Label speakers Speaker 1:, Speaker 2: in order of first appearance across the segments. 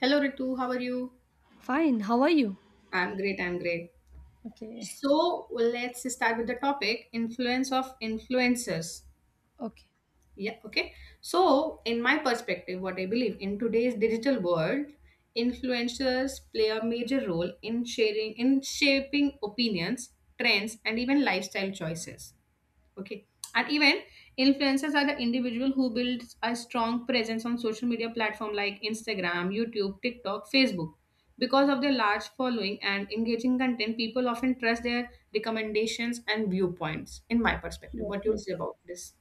Speaker 1: Hello Ritu, how are you?
Speaker 2: Fine. How are you?
Speaker 1: I'm great.
Speaker 2: Okay.
Speaker 1: So let's start with the topic influence of influencers.
Speaker 2: Okay.
Speaker 1: Yeah, okay. So, in my perspective, what I believe in today's digital world, influencers play a major role in sharing in shaping opinions, trends, and even lifestyle choices. Okay. And even influencers are the individual who builds a strong presence on social media platform like Instagram, YouTube, TikTok, Facebook. Because of their large following and engaging content, people often trust their recommendations and viewpoints. In my perspective,
Speaker 2: Yes.
Speaker 1: what you'll
Speaker 2: Yes.
Speaker 1: say about this?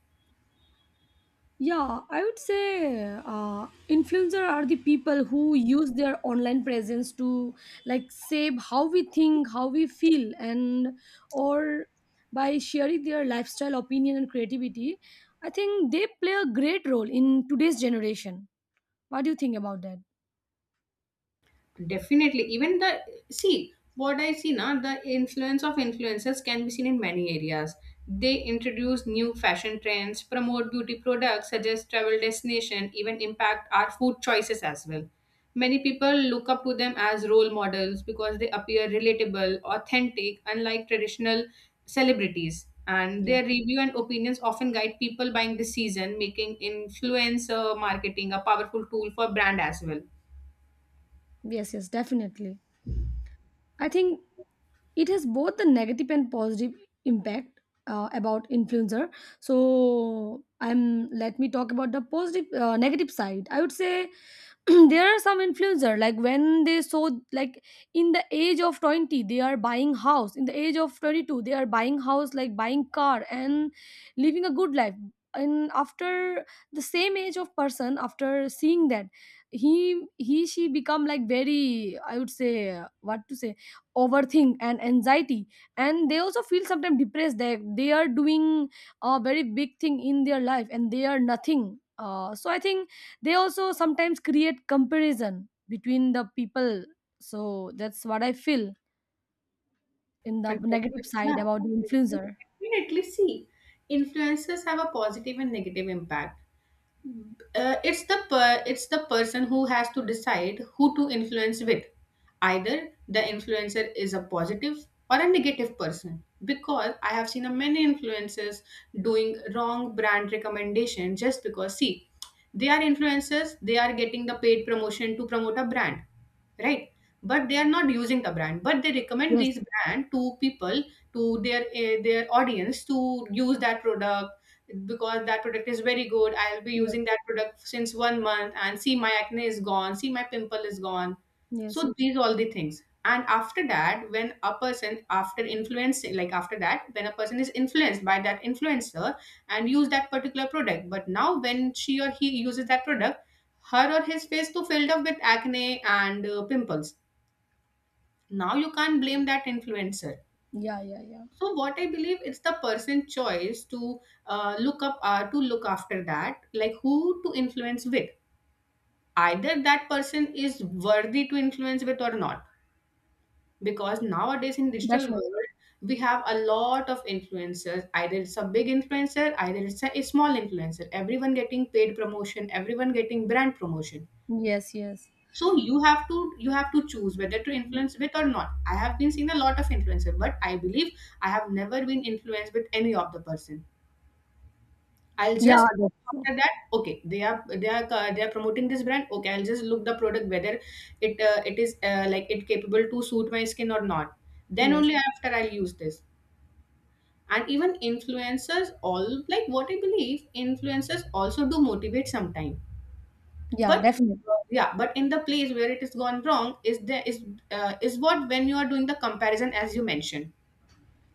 Speaker 2: Yeah, I would say influencer are the people who use their online presence to save how we think, how we feel, and or by sharing their lifestyle, opinion, and creativity. I think they play a great role in today's generation. What do you think about that?
Speaker 1: Definitely. Even the See what I see now, the influence of influencers can be seen in many areas. They introduce new fashion trends, promote beauty products, suggest travel destination, even impact our food choices as well. Many people look up to them as role models because they appear relatable, authentic, unlike traditional celebrities. And
Speaker 2: Yeah.
Speaker 1: their review and opinions often guide people buying this season, making influencer marketing a powerful tool for brand as well.
Speaker 2: Yes, yes, definitely. I think it has both the negative and positive impact about influencer so I'm Let me talk about the positive negative side, I would say. There are some influencer like when they saw like in the age of 20 they are buying house, in the age of 22 they are buying house, like buying car and living a good life. And after the same age of person, after seeing that, he he she become like very, I would say, what to say, overthink and anxiety, and they also feel sometimes depressed that they are doing a very big thing in their life and they are nothing. So I think they also sometimes create comparison between the people. So that's what I feel in the
Speaker 1: And
Speaker 2: negative
Speaker 1: def-
Speaker 2: side
Speaker 1: Yeah,
Speaker 2: about the influencer.
Speaker 1: Definitely. See, influencers have a positive and negative impact. It's the person who has to decide who to influence with, either the influencer is a positive or a negative person. Because I have seen a many influencers doing wrong brand recommendation. Just because, see, they are influencers, they are getting the paid promotion to promote a brand, right? But they are not using the brand, but they recommend
Speaker 2: Yes,
Speaker 1: this brand to people, to their their audience, to use that product because that product is very good. I'll be using that
Speaker 2: yes,
Speaker 1: product since 1 month and see my acne is gone, see my pimple is gone.
Speaker 2: yes.
Speaker 1: So these all the things. And after that, when a person after influencing, like after that, when a person is influenced by that influencer and use that particular product, but now when she or he uses that product, her or his face too filled up with acne and pimples. Now you can't blame that influencer.
Speaker 2: Yeah, yeah, yeah.
Speaker 1: So what I believe, it's the person choice to look up to look after that, like who to influence with. Either that person is worthy to influence with or not, because nowadays in digital
Speaker 2: Definitely.
Speaker 1: world we have a lot of influencers. Either it's a big influencer, either it's a small influencer. Everyone getting paid promotion, everyone getting brand promotion.
Speaker 2: Yes, yes.
Speaker 1: So you have to choose whether to influence with or not. I have been seeing a lot of influencer, but I believe I have never been influenced with any of the person. I'll
Speaker 2: Yeah,
Speaker 1: just,
Speaker 2: that's true.
Speaker 1: after that, okay, they are promoting this brand. Okay, I'll just look the product whether it is like it capable to suit my skin or not. Then
Speaker 2: Yes.
Speaker 1: only after I'll use this. And even influencers, all like what I believe, influencers also do motivate sometime.
Speaker 2: Yeah,
Speaker 1: But
Speaker 2: definitely.
Speaker 1: yeah, but in the place where it is gone wrong is there is what when you are doing the comparison, as you mentioned,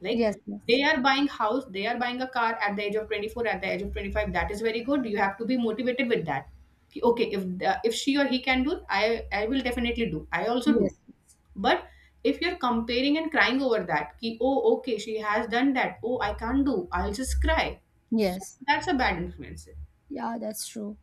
Speaker 1: like
Speaker 2: Yes, yes,
Speaker 1: they are buying house, they are buying a car at the age of 24, at the age of 25. That is very good. You have to be motivated with that. Okay, if she or he can do, I will definitely do, I also do.
Speaker 2: yes,
Speaker 1: But if you're comparing and crying over that, ki, oh, okay, she has done that, oh, I can't do, I'll just cry. So
Speaker 2: yes.
Speaker 1: that's a bad influence.
Speaker 2: Yeah, that's true.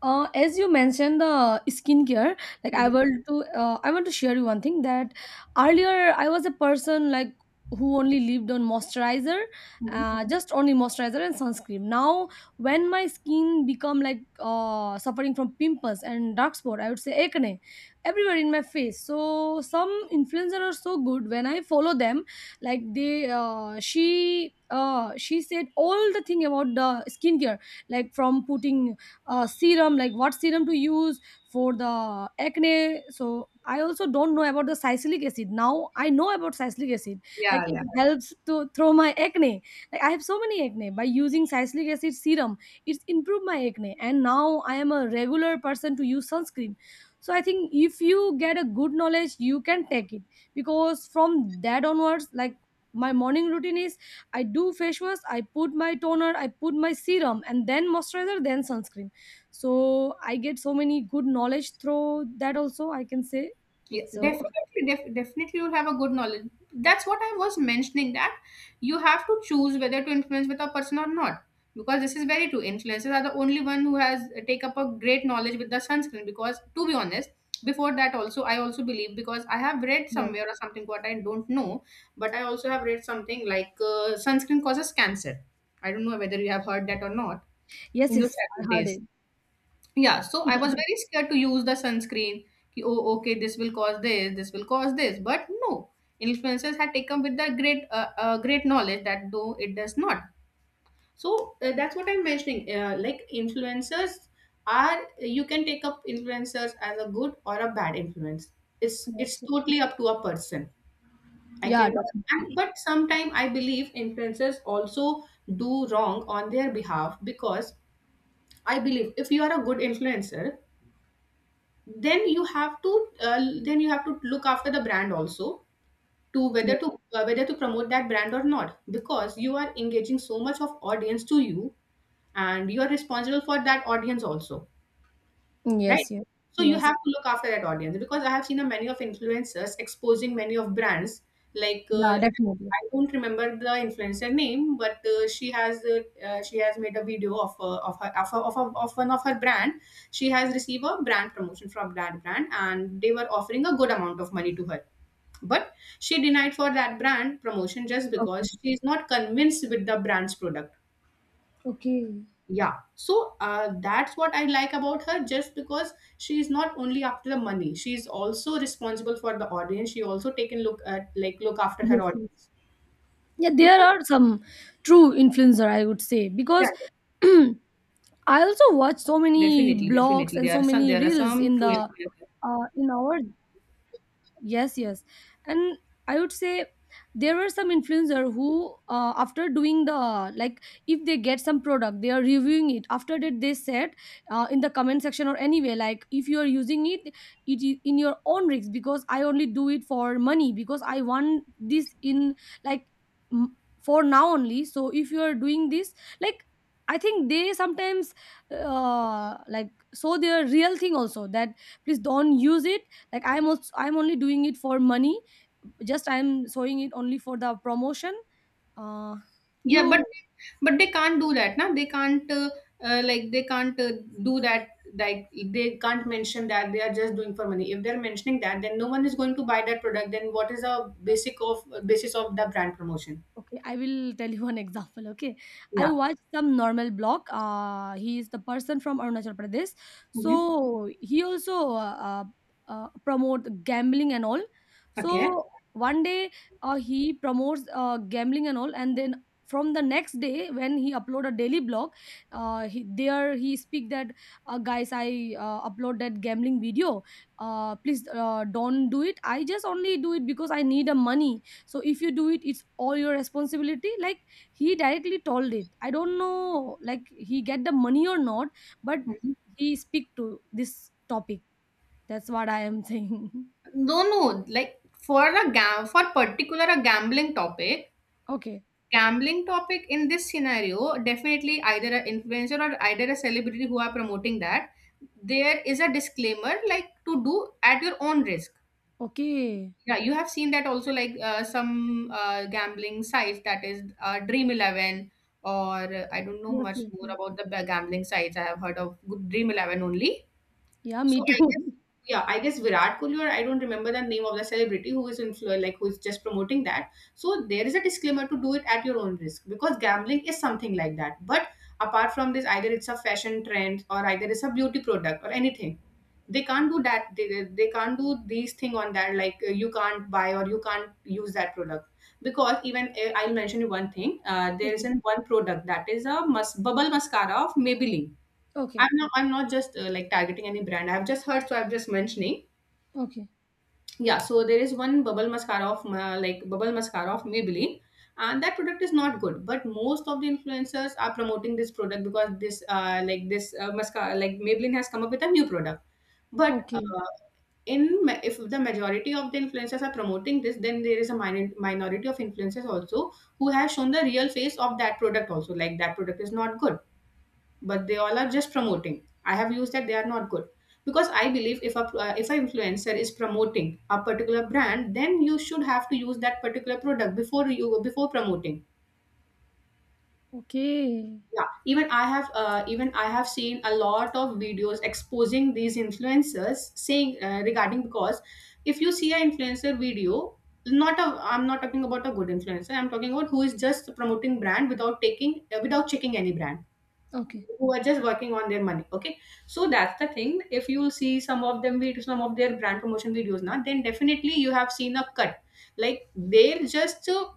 Speaker 2: As you mentioned the skincare, like
Speaker 1: Hmm.
Speaker 2: I want to share you one thing that earlier I was a person like who only lived on moisturizer,
Speaker 1: Hmm.
Speaker 2: just only moisturizer and sunscreen. Now, when my skin become like suffering from pimples and dark spot, I would say acne everywhere in my face. So some influencers are so good. When I follow them, like they, she. She said all the thing about the skincare, like from putting serum, like what serum to use for the acne. So I also don't know about the salicylic acid. Now I know about salicylic acid, like it
Speaker 1: Yeah.
Speaker 2: Yeah. helps to throw my acne. Like I have so many acne. By using salicylic acid serum, it's improved my acne, and now I am a regular person to use sunscreen. So I think if you get a good knowledge you can take it. Because from that onwards, like, my morning routine is I do face wash, I put my toner, I put my serum, and then moisturizer, then sunscreen. So I get so many good knowledge through that also, I can say. So
Speaker 1: Definitely, you'll have a good knowledge. That's what I was mentioning, that you have to choose whether to influence with a person or not. Because this is very true. Influencers are the only one who has take up a great knowledge with the sunscreen. Because to be honest, before that also I also believe, because I have read
Speaker 2: yes,
Speaker 1: somewhere or something what I don't know, but I also have read something like sunscreen causes cancer. I don't know whether you have heard that or not
Speaker 2: yes,
Speaker 1: in your
Speaker 2: yes, I
Speaker 1: childhood
Speaker 2: heard
Speaker 1: days.
Speaker 2: it.
Speaker 1: Yeah, so I was very scared to use the sunscreen. Ki, oh, okay, this will cause this will cause this. But no, influencers had taken with the great, great knowledge that though it does not. So that's what I'm mentioning. Like influencers are, you can take up influencers as a good or a bad influence. It's
Speaker 2: Yes,
Speaker 1: it's
Speaker 2: yes.
Speaker 1: totally up to a person. I
Speaker 2: Yeah,
Speaker 1: can,
Speaker 2: definitely.
Speaker 1: and, but sometimes I believe influencers also do wrong on their behalf because I believe if you are a good influencer, then you have to then you have to look after the brand also, to whether
Speaker 2: Yes.
Speaker 1: to whether to promote that brand or not, because you are engaging so much of audience to you, and you are responsible for that audience also, right?
Speaker 2: Yes, yes.
Speaker 1: So you
Speaker 2: Yes.
Speaker 1: have to look after that audience because I have seen a many of influencers exposing many of brands. Like
Speaker 2: Yeah, definitely.
Speaker 1: I don't remember the influencer name, but she has made a video of one of her brand. She has received a brand promotion from that brand, and they were offering a good amount of money to her. But she denied for that brand promotion just
Speaker 2: Okay.
Speaker 1: because she is not convinced with the brand's product.
Speaker 2: Okay.
Speaker 1: Yeah, so that's what I like about her, just because she is not only after the money, she is also responsible for the audience, she also taken look at, like look after her
Speaker 2: Yes, yes.
Speaker 1: audience.
Speaker 2: Yeah, there
Speaker 1: Because,
Speaker 2: are some true influencer, I would say,
Speaker 1: yeah.
Speaker 2: because I also watch so many
Speaker 1: Definitely,
Speaker 2: blogs
Speaker 1: definitely.
Speaker 2: and
Speaker 1: There
Speaker 2: so
Speaker 1: are some.
Speaker 2: many
Speaker 1: There are
Speaker 2: reels
Speaker 1: some
Speaker 2: in
Speaker 1: true.
Speaker 2: the in our. Yes, yes. And I would say there were some influencer who, after doing the, like, if they get some product they are reviewing it, after that they said, in the comment section or anyway, like, if you are using it, it is in your own risk, because I only do it for money, because I want this in, like for now only. So if you are doing this like I think they sometimes, so their real thing also, that please don't use it, like I'm also, I'm only doing it for money, just I'm showing it only for the promotion. Uh
Speaker 1: Yeah,
Speaker 2: you
Speaker 1: but they can't do that. Now they can't, like they can't do that. Like they can't mention that they are just doing for money. If they're mentioning that, then no one is going to buy that product. Then what is the basic of basis of the brand promotion?
Speaker 2: Okay, I will tell you one example. Okay, I
Speaker 1: Yeah.
Speaker 2: watched some normal blog. He is the person from Arunachal Pradesh,
Speaker 1: Hmm.
Speaker 2: so he also promote gambling and all.
Speaker 1: Okay.
Speaker 2: So one day he promotes gambling and all, and then from the next day when he upload a daily blog, there he speak that, guys, I upload that gambling video. Please don't do it. I just only do it because I need a money. So if you do it, it's all your responsibility. Like, he directly told it. I don't know, like, he get the money or not, but
Speaker 1: Mhm.
Speaker 2: he speak to this topic. That's what I am saying.
Speaker 1: No, no. Like for particular a
Speaker 2: Okay.
Speaker 1: gambling topic in this scenario, definitely either an influencer or either a celebrity who are promoting that, there is a disclaimer like to do at your own risk.
Speaker 2: Okay.
Speaker 1: Yeah, you have seen that also, like some gambling sites, that is Dream 11 or I don't know
Speaker 2: Yes,
Speaker 1: much
Speaker 2: yes,
Speaker 1: more
Speaker 2: yes.
Speaker 1: about the gambling sites. I have heard of Good Dream 11 only.
Speaker 2: Yeah,
Speaker 1: So
Speaker 2: me
Speaker 1: I
Speaker 2: too.
Speaker 1: guess, yeah, I guess Virat Kohli, or I don't remember the name of the celebrity who is influ like who is just promoting that. So there is a disclaimer to do it at your own risk because gambling is something like that. But apart from this, either it's a fashion trend or either it's a beauty product or anything. They can't do that. They can't do these thing on that. Like you can't buy or you can't use that product. Because even I'll mention you one thing. There is
Speaker 2: Okay,
Speaker 1: an one product that is a bubble mascara of Maybelline.
Speaker 2: okay.
Speaker 1: I'm not just like targeting any brand. I've just heard, so I'm just mentioning.
Speaker 2: Okay,
Speaker 1: Yeah, so there is one bubble mascara of bubble mascara of Maybelline, and that product is not good. But most of the influencers are promoting this product, because this mascara, like Maybelline has come up with a new product. But
Speaker 2: okay.
Speaker 1: if the majority of the influencers are promoting this, then there is a minority of influencers also who has shown the real face of that product also. Like that product is not good, but they all are just promoting. I have used that, they are not good. Because I believe if a if an influencer is promoting a particular brand, then you should have to use that particular product before you before promoting.
Speaker 2: Okay,
Speaker 1: Yeah, even I have seen a lot of videos exposing these influencers, saying regarding, because if you see an influencer video, not a I'm not talking about a good influencer, I'm talking about who is just promoting brand without taking without checking any brand,
Speaker 2: okay.
Speaker 1: who are just working on their money. Okay, so that's the thing. If you see some of them videos, some of their brand promotion videos now, then definitely you have seen a cut. Like they'll just uh,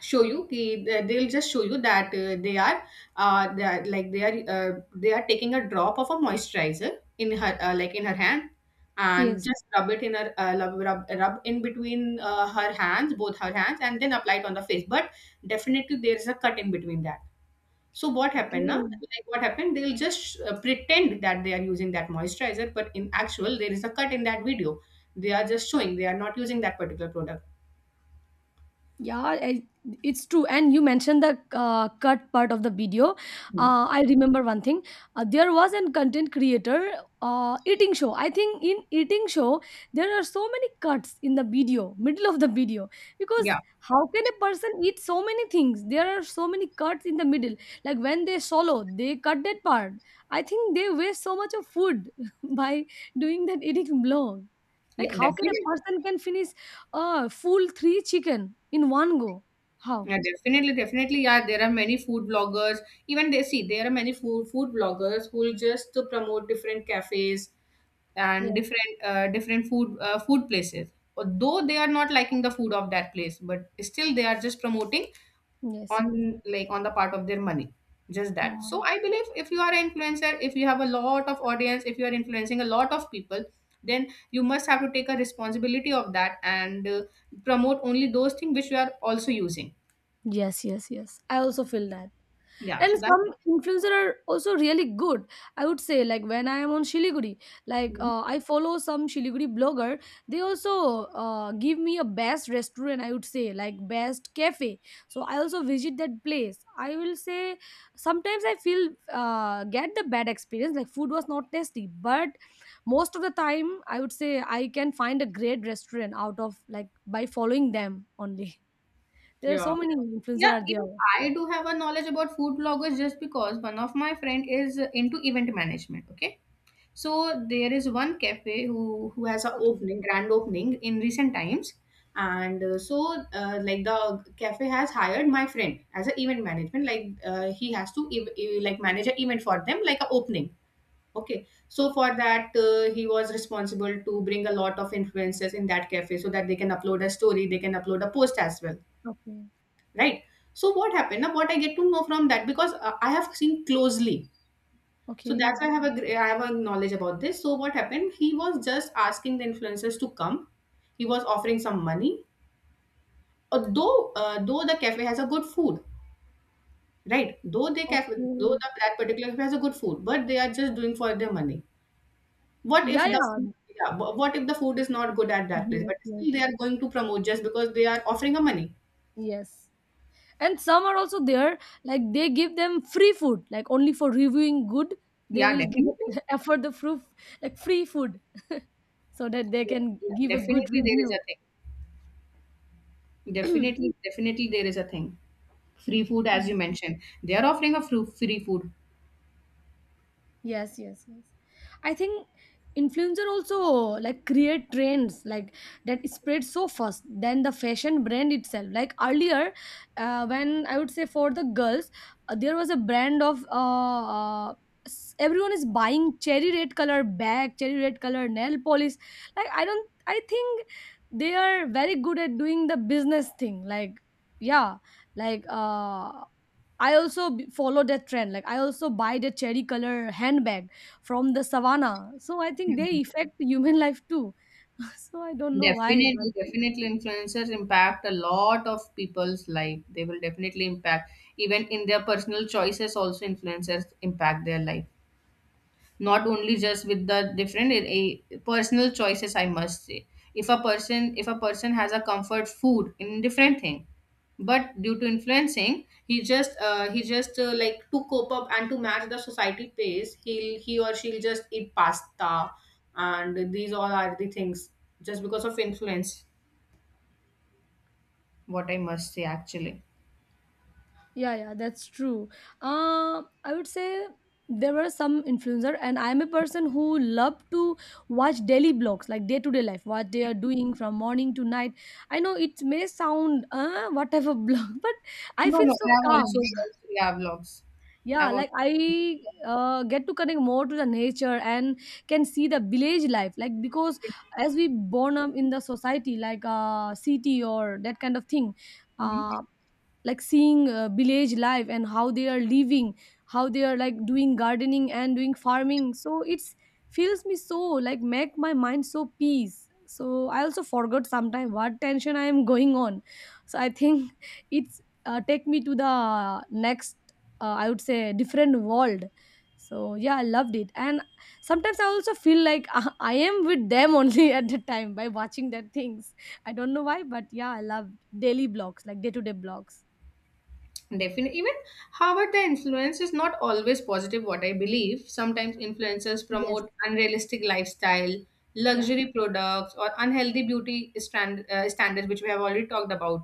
Speaker 1: show you ki- uh, they'll just show you that they are, like they are taking a drop of a moisturizer in her like in her hand and
Speaker 2: Yes.
Speaker 1: just rub it in her rub in between her hands both her hands and then apply it on the face. But definitely there is a cut in between that. So what happened
Speaker 2: Okay.
Speaker 1: now? Like what happened? They'll just pretend that they are using that moisturizer, but in actual, there is a cut in that video. They are just showing they are not using that particular product.
Speaker 2: Yeah, I, it's true. And you mentioned the cut part of the video.
Speaker 1: Hmm.
Speaker 2: I remember one thing. There was an content creator eating show. I think in eating show there are so many cuts in the video, middle of the video, because
Speaker 1: Yeah,
Speaker 2: how can a person eat so many things? There are so many cuts in the middle. Like when they swallow, they cut that part. I think they waste so much of food by doing that eating vlog. Like,
Speaker 1: yeah,
Speaker 2: how can a
Speaker 1: definitely.
Speaker 2: person can finish Ah, full three chicken in one go? How?
Speaker 1: Yeah, definitely. Yeah, there are many food bloggers. Even they see there are many food bloggers who will just to promote different cafes and
Speaker 2: Yes,
Speaker 1: different different food food places. Although they are not liking the food of that place, but still they are just promoting
Speaker 2: yes, yes.
Speaker 1: on like on the part of their money just that.
Speaker 2: Yeah.
Speaker 1: So I believe if you are an influencer, if you have a lot of audience, if you are influencing a lot of people, then you must have to take a responsibility of that and promote only those things which you are also using.
Speaker 2: Yes, yes, yes. I also feel that.
Speaker 1: Yeah,
Speaker 2: And
Speaker 1: so that.
Speaker 2: some influencer are also really good, I would say. Like when I am on Shiliguri, like
Speaker 1: Mhm.
Speaker 2: I follow some Shiliguri blogger. They also give me a best restaurant, I would say, like best cafe. So I also visit that place. I will say sometimes I feel get the bad experience, like food was not tasty, but most of the time I would say I can find a great restaurant out of, like, by following them only. There are so
Speaker 1: Yeah,
Speaker 2: many influencer
Speaker 1: yeah,
Speaker 2: are
Speaker 1: even
Speaker 2: there.
Speaker 1: I do have a knowledge about food bloggers just because one of my friend is into event management. Okay. So there is one cafe who has a
Speaker 2: Okay.
Speaker 1: opening, grand opening in recent times, and like the cafe has hired my friend as an event management. Like he has to like manage an event for them, like a opening. Okay, so for that he was responsible to bring a lot of influencers in that cafe so that they can upload a story, they can upload a post as well,
Speaker 2: Okay.
Speaker 1: right? So what happened? Now what I get to know from that, because I have seen closely, so
Speaker 2: Okay.
Speaker 1: that's why I have a I have a knowledge about this. So what happened? He was just asking the influencers to come. He was offering some money. Though the cafe has a good food, right? Though they cafe though the,
Speaker 2: Okay.
Speaker 1: that particular cafe has a good food, but they are just doing for their money. What if
Speaker 2: Yeah,
Speaker 1: the food,
Speaker 2: yeah.
Speaker 1: yeah, what if the food is not good at that place?
Speaker 2: Yes,
Speaker 1: But
Speaker 2: yes,
Speaker 1: still they are going to promote just because they are offering a money.
Speaker 2: yes. And some are also there, like they give them free food, like only for reviewing good, they
Speaker 1: Yeah,
Speaker 2: will give,
Speaker 1: definitely.
Speaker 2: afford the proof, like free food, so that they
Speaker 1: Yeah,
Speaker 2: can give a good
Speaker 1: definitely there is
Speaker 2: review.
Speaker 1: a thing. Definitely there is a thing. Free food, as you mentioned. They are offering a free food.
Speaker 2: Yes, yes, yes. I think influencer also, like, create trends, like that spread so fast than the fashion brand itself. Like earlier, when I would say, for the girls, there was a brand of everyone is buying cherry red color bag, cherry red color nail polish. Like I don't, I think they are very good at doing the business thing. Like, yeah, like uh I also follow that trend. Like I also buy the cherry color handbag from the savannah. So I think they affect human life too. So I don't know why, but
Speaker 1: Definitely, influencers impact a lot of people's life. They will definitely impact even in their personal choices. Also, influencers impact their life, not only just with the different a personal choices, I must say. If a person has a comfort food in different thing, but due to influencing he just like to cope up and to match the society pace, he'll he or she'll just eat pasta, and these all are the things just because of influence, what I must say actually.
Speaker 2: yeah, yeah, that's true. I would say there were some influencer, and I'm a person who love to watch daily blogs, like day to day life, what they are doing from morning to night. I know it may sound, whatever blog, but I
Speaker 1: No,
Speaker 2: feel
Speaker 1: no, I
Speaker 2: so
Speaker 1: have also
Speaker 2: calm.
Speaker 1: watched, yeah, vlogs.
Speaker 2: Yeah,
Speaker 1: I've
Speaker 2: like
Speaker 1: also.
Speaker 2: I get to connect more to the nature and can see the village life. Like, because as we born up in the society, like city or that kind of thing,
Speaker 1: Mhm.
Speaker 2: uh, like seeing village life and how they are living, how they are, like, doing gardening and doing farming. So it's feels me so, like, make my mind so peace. So I also forgot sometime what tension I am going on. So I think it's take me to the next, I would say, different world. So yeah, I loved it. And sometimes I also feel like I am with them only at the time by watching their things. I don't know why, but yeah, I love daily blogs, like day to day blogs.
Speaker 1: Definitely. Even, however, the influence is not always positive, what I believe. Sometimes influencers
Speaker 2: Yes.
Speaker 1: promote unrealistic lifestyle,
Speaker 2: Yeah.
Speaker 1: luxury products, or unhealthy beauty standards, which we have already talked about.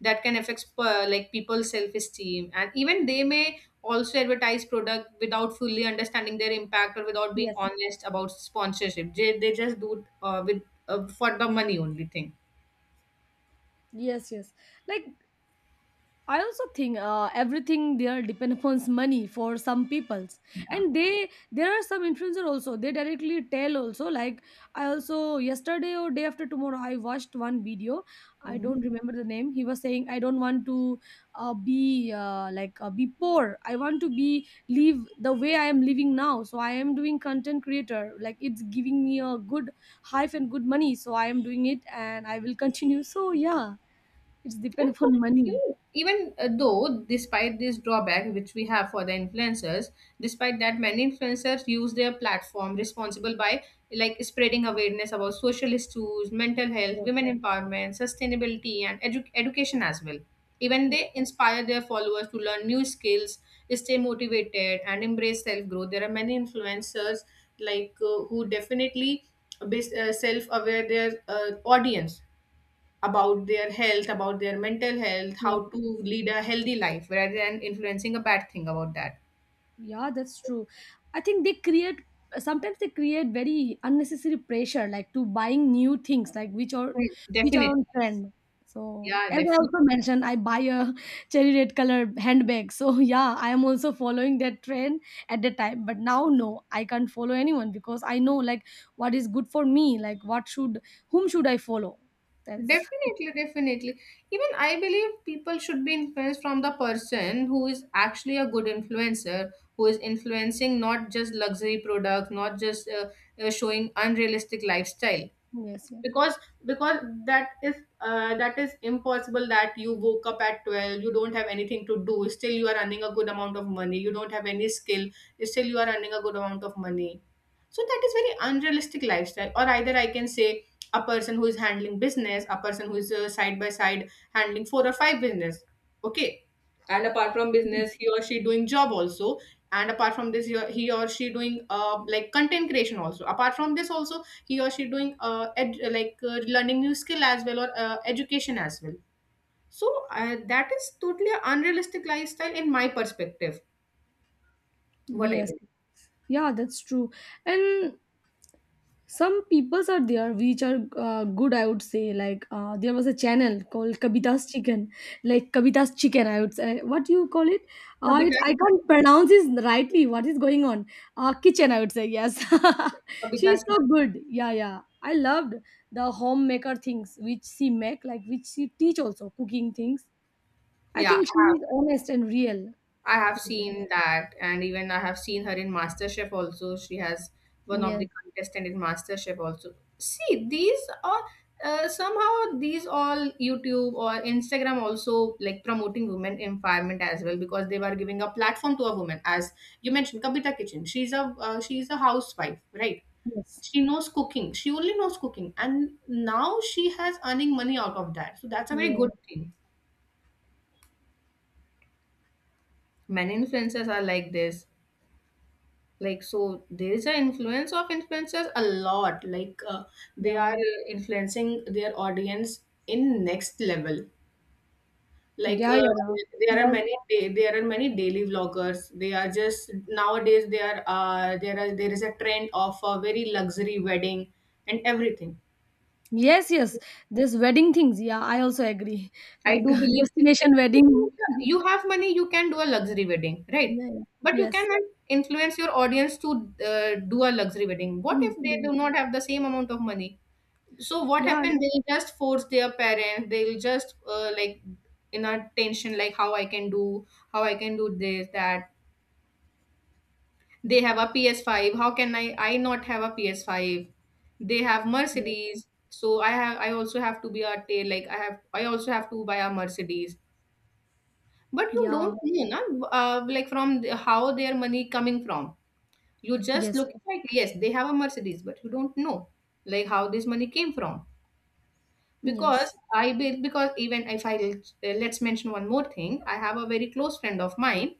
Speaker 1: That can affect like people's self-esteem, and even they may also advertise product without fully understanding their impact or without being
Speaker 2: Yes.
Speaker 1: honest about sponsorship. They just do it with for the money only thing.
Speaker 2: Yes, yes. Like, I also think everything there depend upon money for some peoples.
Speaker 1: Yeah.
Speaker 2: And they, there are some influencer also. They directly tell also. Like, I also yesterday or day after tomorrow I watched one video. I
Speaker 1: Mhm.
Speaker 2: don't remember the name. He was saying I don't want to be poor. I want to be live the way I am living now. So I am doing content creator. Like, it's giving me a good hype and good money. So I am doing it and I will continue. So yeah, it's
Speaker 1: Yeah,
Speaker 2: depend
Speaker 1: so
Speaker 2: upon money.
Speaker 1: even though despite this drawback which we have for the influencers, despite that many influencers use their platform responsible by like spreading awareness about social issues, mental health, women empowerment, sustainability, and education as well. Even they inspire their followers to learn new skills, stay motivated, and embrace self growth. There are many influencers, like who definitely self aware their audience about their health, about their mental health, how
Speaker 2: Yes, yes.
Speaker 1: to lead a healthy life rather than influencing a bad thing about that.
Speaker 2: Yeah, that's true. I think they create sometimes they create very unnecessary pressure, like to buying new things, like
Speaker 1: Mm,
Speaker 2: which are
Speaker 1: definitely.
Speaker 2: on trend. So
Speaker 1: Yeah,
Speaker 2: as I
Speaker 1: definitely.
Speaker 2: also mentioned, I buy a cherry red color handbag. So yeah, I am also following that trend at the time. But now no, I can't follow anyone because I know, like, what is good for me, like what should whom should I follow? That's
Speaker 1: Definitely. Even I believe people should be influenced from the person who is actually a good influencer, who is influencing not just luxury products, not just showing unrealistic lifestyle.
Speaker 2: yes, yes.
Speaker 1: because because that is that is impossible that you woke up at 12, you don't have anything to do, still you are earning a good amount of money, you don't have any skill, still you are earning a good amount of money. So that is very unrealistic lifestyle. Or either I can say a person who is handling business, a person who is side by side handling four or five business, okay, and apart from business he or she doing job also, and apart from this he or she doing like content creation also, apart from this also he or she doing like learning new skill as well or education as well. So that is totally an unrealistic lifestyle in my perspective, what I
Speaker 2: Yes.
Speaker 1: believe.
Speaker 2: Yeah, that's true. And some peoples are there which are good, I would say. Like there was a channel called Kavita's chicken, like Kavita's chicken, I would say, what do you call it, I
Speaker 1: Kavita's kitchen.
Speaker 2: can't pronounce it rightly what is going on. Kitchen, I would say, yes. She's
Speaker 1: Kavita's
Speaker 2: so
Speaker 1: kitchen.
Speaker 2: good. Yeah, yeah, I loved the homemaker things which she make, like which she teach also, cooking things. I
Speaker 1: Yeah,
Speaker 2: think she
Speaker 1: I
Speaker 2: is honest and real.
Speaker 1: I have seen that, and even I have seen her in MasterChef also. She has one of
Speaker 2: Yes,
Speaker 1: the contestant in MasterChef also. See, these are somehow these all YouTube or Instagram also like promoting women empowerment as well, because they were giving a platform to a woman. As you mentioned, Kabita Kitchen. She's a housewife, right?
Speaker 2: yes.
Speaker 1: She knows cooking. She only knows cooking, and now she has earning money out of that. So that's a
Speaker 2: Yeah,
Speaker 1: very good
Speaker 2: yeah,
Speaker 1: thing. Many influencers are like this. Like, so there is an influence of influencers a lot, like they are influencing their audience in next level, like
Speaker 2: yeah, yeah, yeah.
Speaker 1: there are
Speaker 2: Like
Speaker 1: many there are many daily vloggers. They are just nowadays they are there are there is a trend of a very luxury wedding and everything.
Speaker 2: yes, yes. This wedding things. Yeah, I also agree.
Speaker 1: I
Speaker 2: Like
Speaker 1: do believe,
Speaker 2: destination
Speaker 1: like,
Speaker 2: wedding.
Speaker 1: you have money, you can do a luxury wedding, right?
Speaker 2: Yeah, yeah.
Speaker 1: But you
Speaker 2: Yes.
Speaker 1: cannot influence your audience to do a luxury wedding. What
Speaker 2: Mm,
Speaker 1: if they
Speaker 2: yes.
Speaker 1: do not have the same amount of money? So what
Speaker 2: Yeah.
Speaker 1: happened? They'll just force their parents, they'll just like in a tension, like how I can do, how I can do this, that they have a ps5, how can I not have a ps5? They have
Speaker 2: Yes.
Speaker 1: mercedes, so I have, I also have to be a tail, like I have, I also have to buy a mercedes. But you
Speaker 2: Yeah.
Speaker 1: don't know na, like how their money coming from. You just
Speaker 2: Yes.
Speaker 1: look like, yes, they have a mercedes, but you don't know like how this money came from. Because
Speaker 2: Yes.
Speaker 1: I be because even if I let's mention one more thing, I have a very close friend of mine.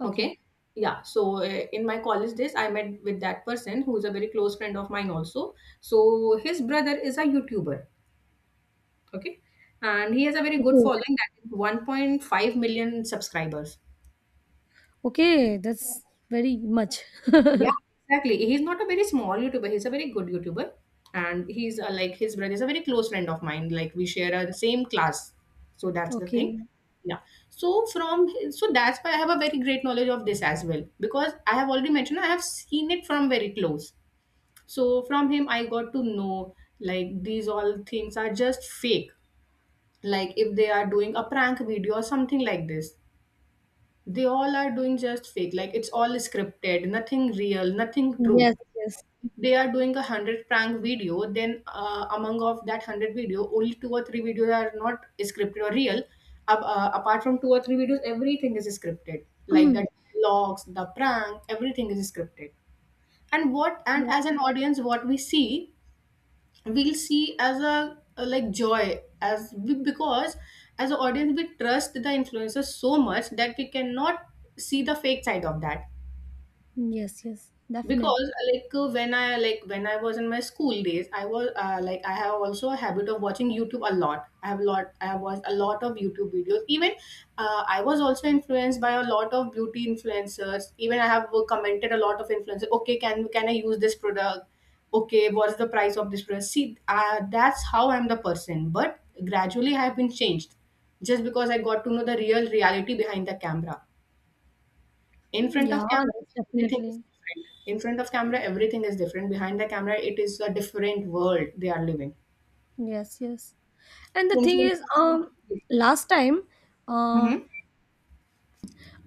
Speaker 2: Okay.
Speaker 1: Okay, yeah. So in my college days, I met with that person who is a very close friend of mine also. So his brother is a YouTuber. Okay, and he has a very good
Speaker 2: Okay.
Speaker 1: following, that is 1.5 million subscribers.
Speaker 2: Okay. That's very much.
Speaker 1: Yeah, exactly. He's not a very small YouTuber. He's a very good YouTuber, and he's like his brother is a very close friend of mine. Like we share a the same class, so that's the
Speaker 2: Okay.
Speaker 1: thing. Yeah. So from, so that's why I have a very great knowledge of this as well, because I have already mentioned I have seen it from very close. So from him I got to know like these all things are just fake. Like if they are doing a prank video or something like this, they all are doing just fake. Like it's all scripted, nothing real, nothing true.
Speaker 2: Yes. Yes.
Speaker 1: They are doing 100 prank video, then among of that 100 video, only two or three videos are not scripted or real. Apart from two or three videos everything is scripted, like the logs, the prank, everything is scripted. And what, and as an audience what we see, we'll see as a like joy, as we, because as an audience we trust the influencers so much that we cannot see the fake side of that.
Speaker 2: Yes. Yes. Definitely.
Speaker 1: Because when I like when I was in my school days, I was like I have also a habit of watching youtube a lot, I have a lot, I have watched a lot of youtube videos even. I was also influenced by a lot of beauty influencers. Even I have commented a lot of influencers, okay, can I use this product, okay, what's the price of this product. See, that's how I'm the person, but gradually I have been changed, just because I got to know the real reality behind the camera, in front
Speaker 2: Yeah.
Speaker 1: of camera.
Speaker 2: That's
Speaker 1: Everything is
Speaker 2: definitely.
Speaker 1: different in front of camera, everything is different behind the camera, it is a different world they are living
Speaker 2: Yes. Yes. And the
Speaker 1: in
Speaker 2: thing
Speaker 1: front
Speaker 2: is,
Speaker 1: of.
Speaker 2: last time, uh,
Speaker 1: Hmm.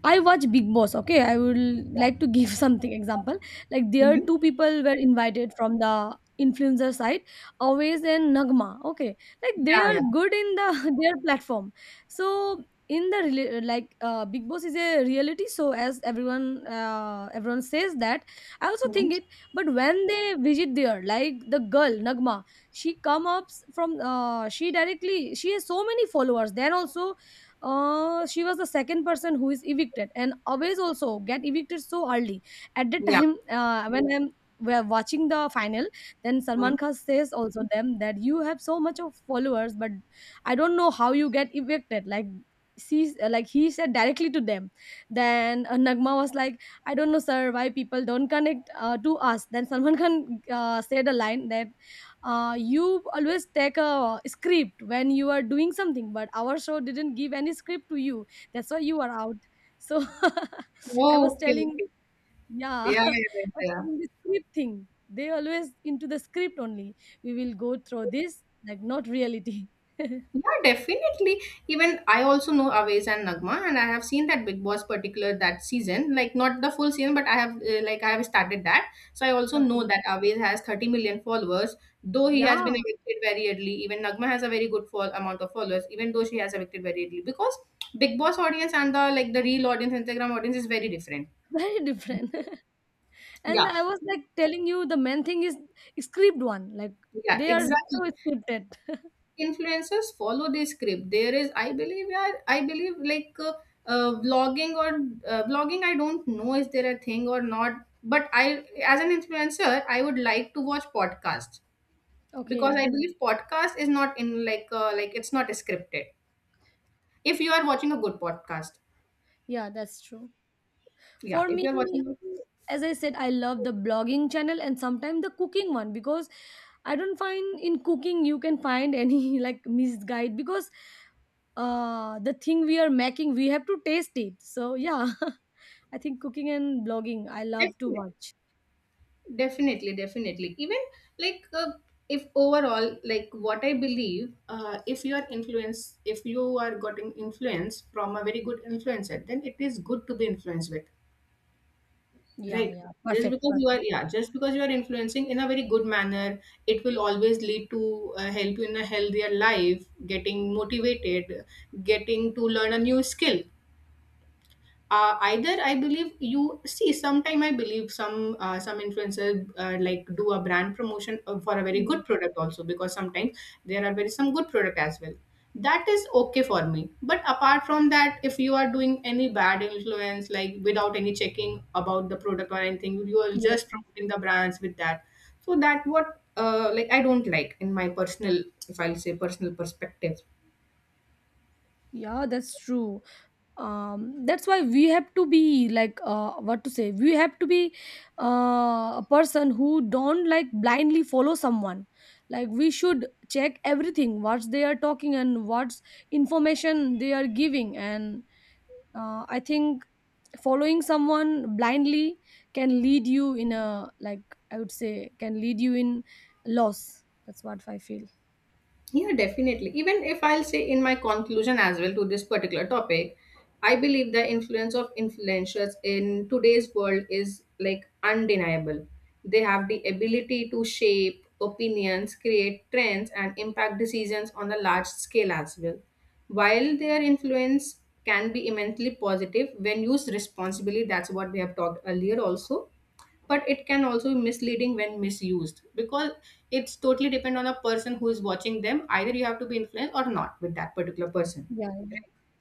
Speaker 2: I watch Big Boss. Okay, I will like to give something example. Like there
Speaker 1: Hmm.
Speaker 2: two people were invited from the influencer side, Always and Nagma. Okay, like they
Speaker 1: Yeah,
Speaker 2: are
Speaker 1: yeah.
Speaker 2: good in the their platform. So in the like Big Boss is a reality. So as everyone everyone says that. I also
Speaker 1: Hmm.
Speaker 2: think it. But when they visit there, like the girl Nagma, she come ups from she directly she has so many followers. Then also she was the second person who is evicted and always also get evicted so early at the
Speaker 1: Yeah.
Speaker 2: time when I'm we're watching the final. Then Salman
Speaker 1: Hmm.
Speaker 2: Khan says also them that you have so much of followers, but I don't know how you get evicted. Like she like he said directly to them. Then Nagma was like, I don't know sir, why people don't connect to us. Then Salman Khan said a line that you always take a script when you are doing something, but our show didn't give any script to you. That's why you are out. So I was
Speaker 1: Okay,
Speaker 2: telling,
Speaker 1: okay.
Speaker 2: yeah,
Speaker 1: Yeah, yeah, yeah,
Speaker 2: I was
Speaker 1: yeah.
Speaker 2: telling the script thing. They always into the script only. We will go through this like not reality.
Speaker 1: Yeah, definitely. Even I also know Awais and Nagma, and I have seen that Big Boss particular that season, like not the full season, but I have like I have started that. So I also
Speaker 2: Okay.
Speaker 1: know that Awais has 30 million followers, though he
Speaker 2: Yeah.
Speaker 1: has been evicted very early. Even Nagma has a very good fall amount of followers, even though she has evicted very early, because Big Boss audience and the real audience, Instagram audience is very different.
Speaker 2: Very different. And
Speaker 1: Yeah,
Speaker 2: I was like telling you the main thing is script one. Like
Speaker 1: yeah,
Speaker 2: they are
Speaker 1: exactly.
Speaker 2: so scripted.
Speaker 1: Influencers follow the script. There is, I believe, yeah, I believe, like vlogging, or vlogging, I don't know, is there a thing or not, but I, as an influencer, I would like to watch podcasts because I
Speaker 2: Okay.
Speaker 1: believe podcast is not in, like it's not scripted if you are watching a good podcast.
Speaker 2: Yeah, that's true.
Speaker 1: Yeah,
Speaker 2: For
Speaker 1: if
Speaker 2: me,
Speaker 1: you're watching a-
Speaker 2: as I said, I love the blogging channel and sometimes the cooking one, because I don't find in cooking you can find any like misguide, because the thing we are making we have to taste it. So yeah, I think cooking and blogging I love to
Speaker 1: definitely.
Speaker 2: watch.
Speaker 1: Definitely, definitely. Even like if overall, like what I believe, if you are influenced, if you are getting influence from a very good influencer, then it is good to be influenced with,
Speaker 2: Yeah,
Speaker 1: right?
Speaker 2: yeah,
Speaker 1: Just
Speaker 2: perfect,
Speaker 1: because you are,
Speaker 2: perfect.
Speaker 1: yeah, just because you are influencing in a very good manner, it will always lead to help you in a healthier life, getting motivated, getting to learn a new skill. Uh, either I believe, you see, sometime I believe some influencers like do a brand promotion for a very
Speaker 2: Yeah.
Speaker 1: good product also, because sometimes there are very some good product as well. That is okay for me, but apart from that, if you are doing any bad influence, like without any checking about the product or anything, you are
Speaker 2: Yes.
Speaker 1: just promoting the brands with that. So that, what like I don't like, in my personal, if I'll say personal perspective.
Speaker 2: Yeah, that's true. Um, that's why we have to be like, what to say, we have to be a person who don't like blindly follow someone. Like we should check everything what they are talking and what's information they are giving. And I think following someone blindly can lead you in a, like I would say, can lead you in loss. That's what I feel.
Speaker 1: Yeah, definitely. Even if I'll say in my conclusion as well to this particular topic, I believe the influence of influencers in today's world is like undeniable. They have the ability to shape opinions, create trends, and impact decisions on a large scale as well. While their influence can be immensely positive when used responsibly, that's what we have talked earlier also, but it can also be misleading when misused, because it's totally depend on a person who is watching them, either you have to be influenced or not with that particular person.
Speaker 2: Yeah.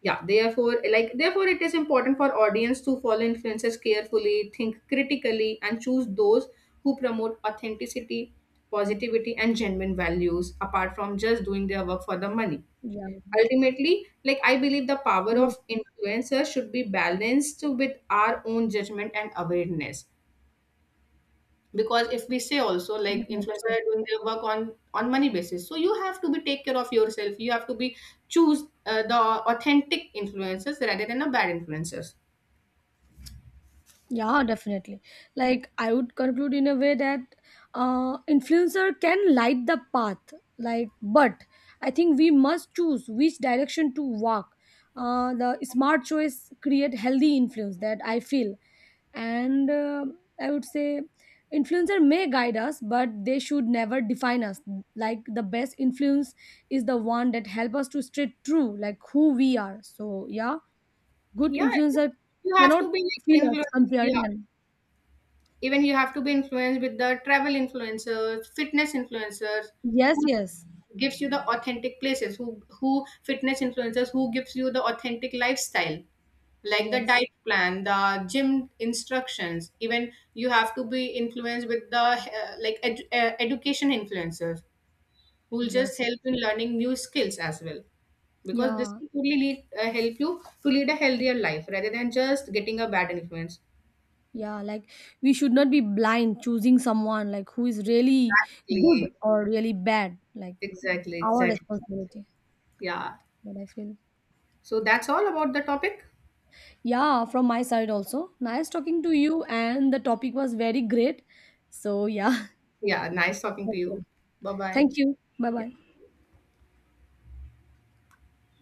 Speaker 1: Yeah, therefore, therefore it is important for audience to follow influencers carefully, think critically, and choose those who promote authenticity, positivity, and genuine values, apart from just doing their work for the money.
Speaker 2: Yeah.
Speaker 1: Ultimately, like I believe the power
Speaker 2: Yes.
Speaker 1: of influencers should be balanced with our own judgment and awareness, because if we say also
Speaker 2: Yeah,
Speaker 1: like influencer
Speaker 2: true.
Speaker 1: are doing their work on money basis, so you have to be take care of yourself, you have to be choose, the authentic influencers rather than the bad influencers.
Speaker 2: Yeah, definitely. Like I would conclude in a way that influencer can light the path. Like, but I think we must choose which direction to walk. The smart choice create healthy influence, that I feel, and I would say influencer may guide us, but they should never define us. Like the best influence is the one that help us to stay true, like who we are. So yeah, good
Speaker 1: Yeah,
Speaker 2: influencer
Speaker 1: you have to
Speaker 2: cannot
Speaker 1: be like
Speaker 2: feel us
Speaker 1: influenced. Yeah,
Speaker 2: comparing them.
Speaker 1: even you have to be influenced with the travel influencers, fitness influencers
Speaker 2: Yes,
Speaker 1: who
Speaker 2: yes,
Speaker 1: gives you the authentic places, who fitness influencers who gives you the authentic lifestyle, like the
Speaker 2: yes,
Speaker 1: diet plan, the gym instructions. Even you have to be influenced with the like education influencers who will just
Speaker 2: yes, yes.
Speaker 1: help in learning new skills as well, because this
Speaker 2: Yeah,
Speaker 1: will really lead, help you to lead a healthier life rather than just getting a bad influence.
Speaker 2: yeah, like we should not be blind choosing someone, like who is really good
Speaker 1: Exactly,
Speaker 2: or really bad, like
Speaker 1: exactly,
Speaker 2: our
Speaker 1: exactly.
Speaker 2: responsibility,
Speaker 1: Yeah,
Speaker 2: what I feel.
Speaker 1: so that's all about the topic.
Speaker 2: Yeah, from my side also, nice talking to you and the topic was very great. So yeah,
Speaker 1: Yeah, nice talking to
Speaker 2: that's all.
Speaker 1: you. Bye bye.
Speaker 2: Thank you, bye bye.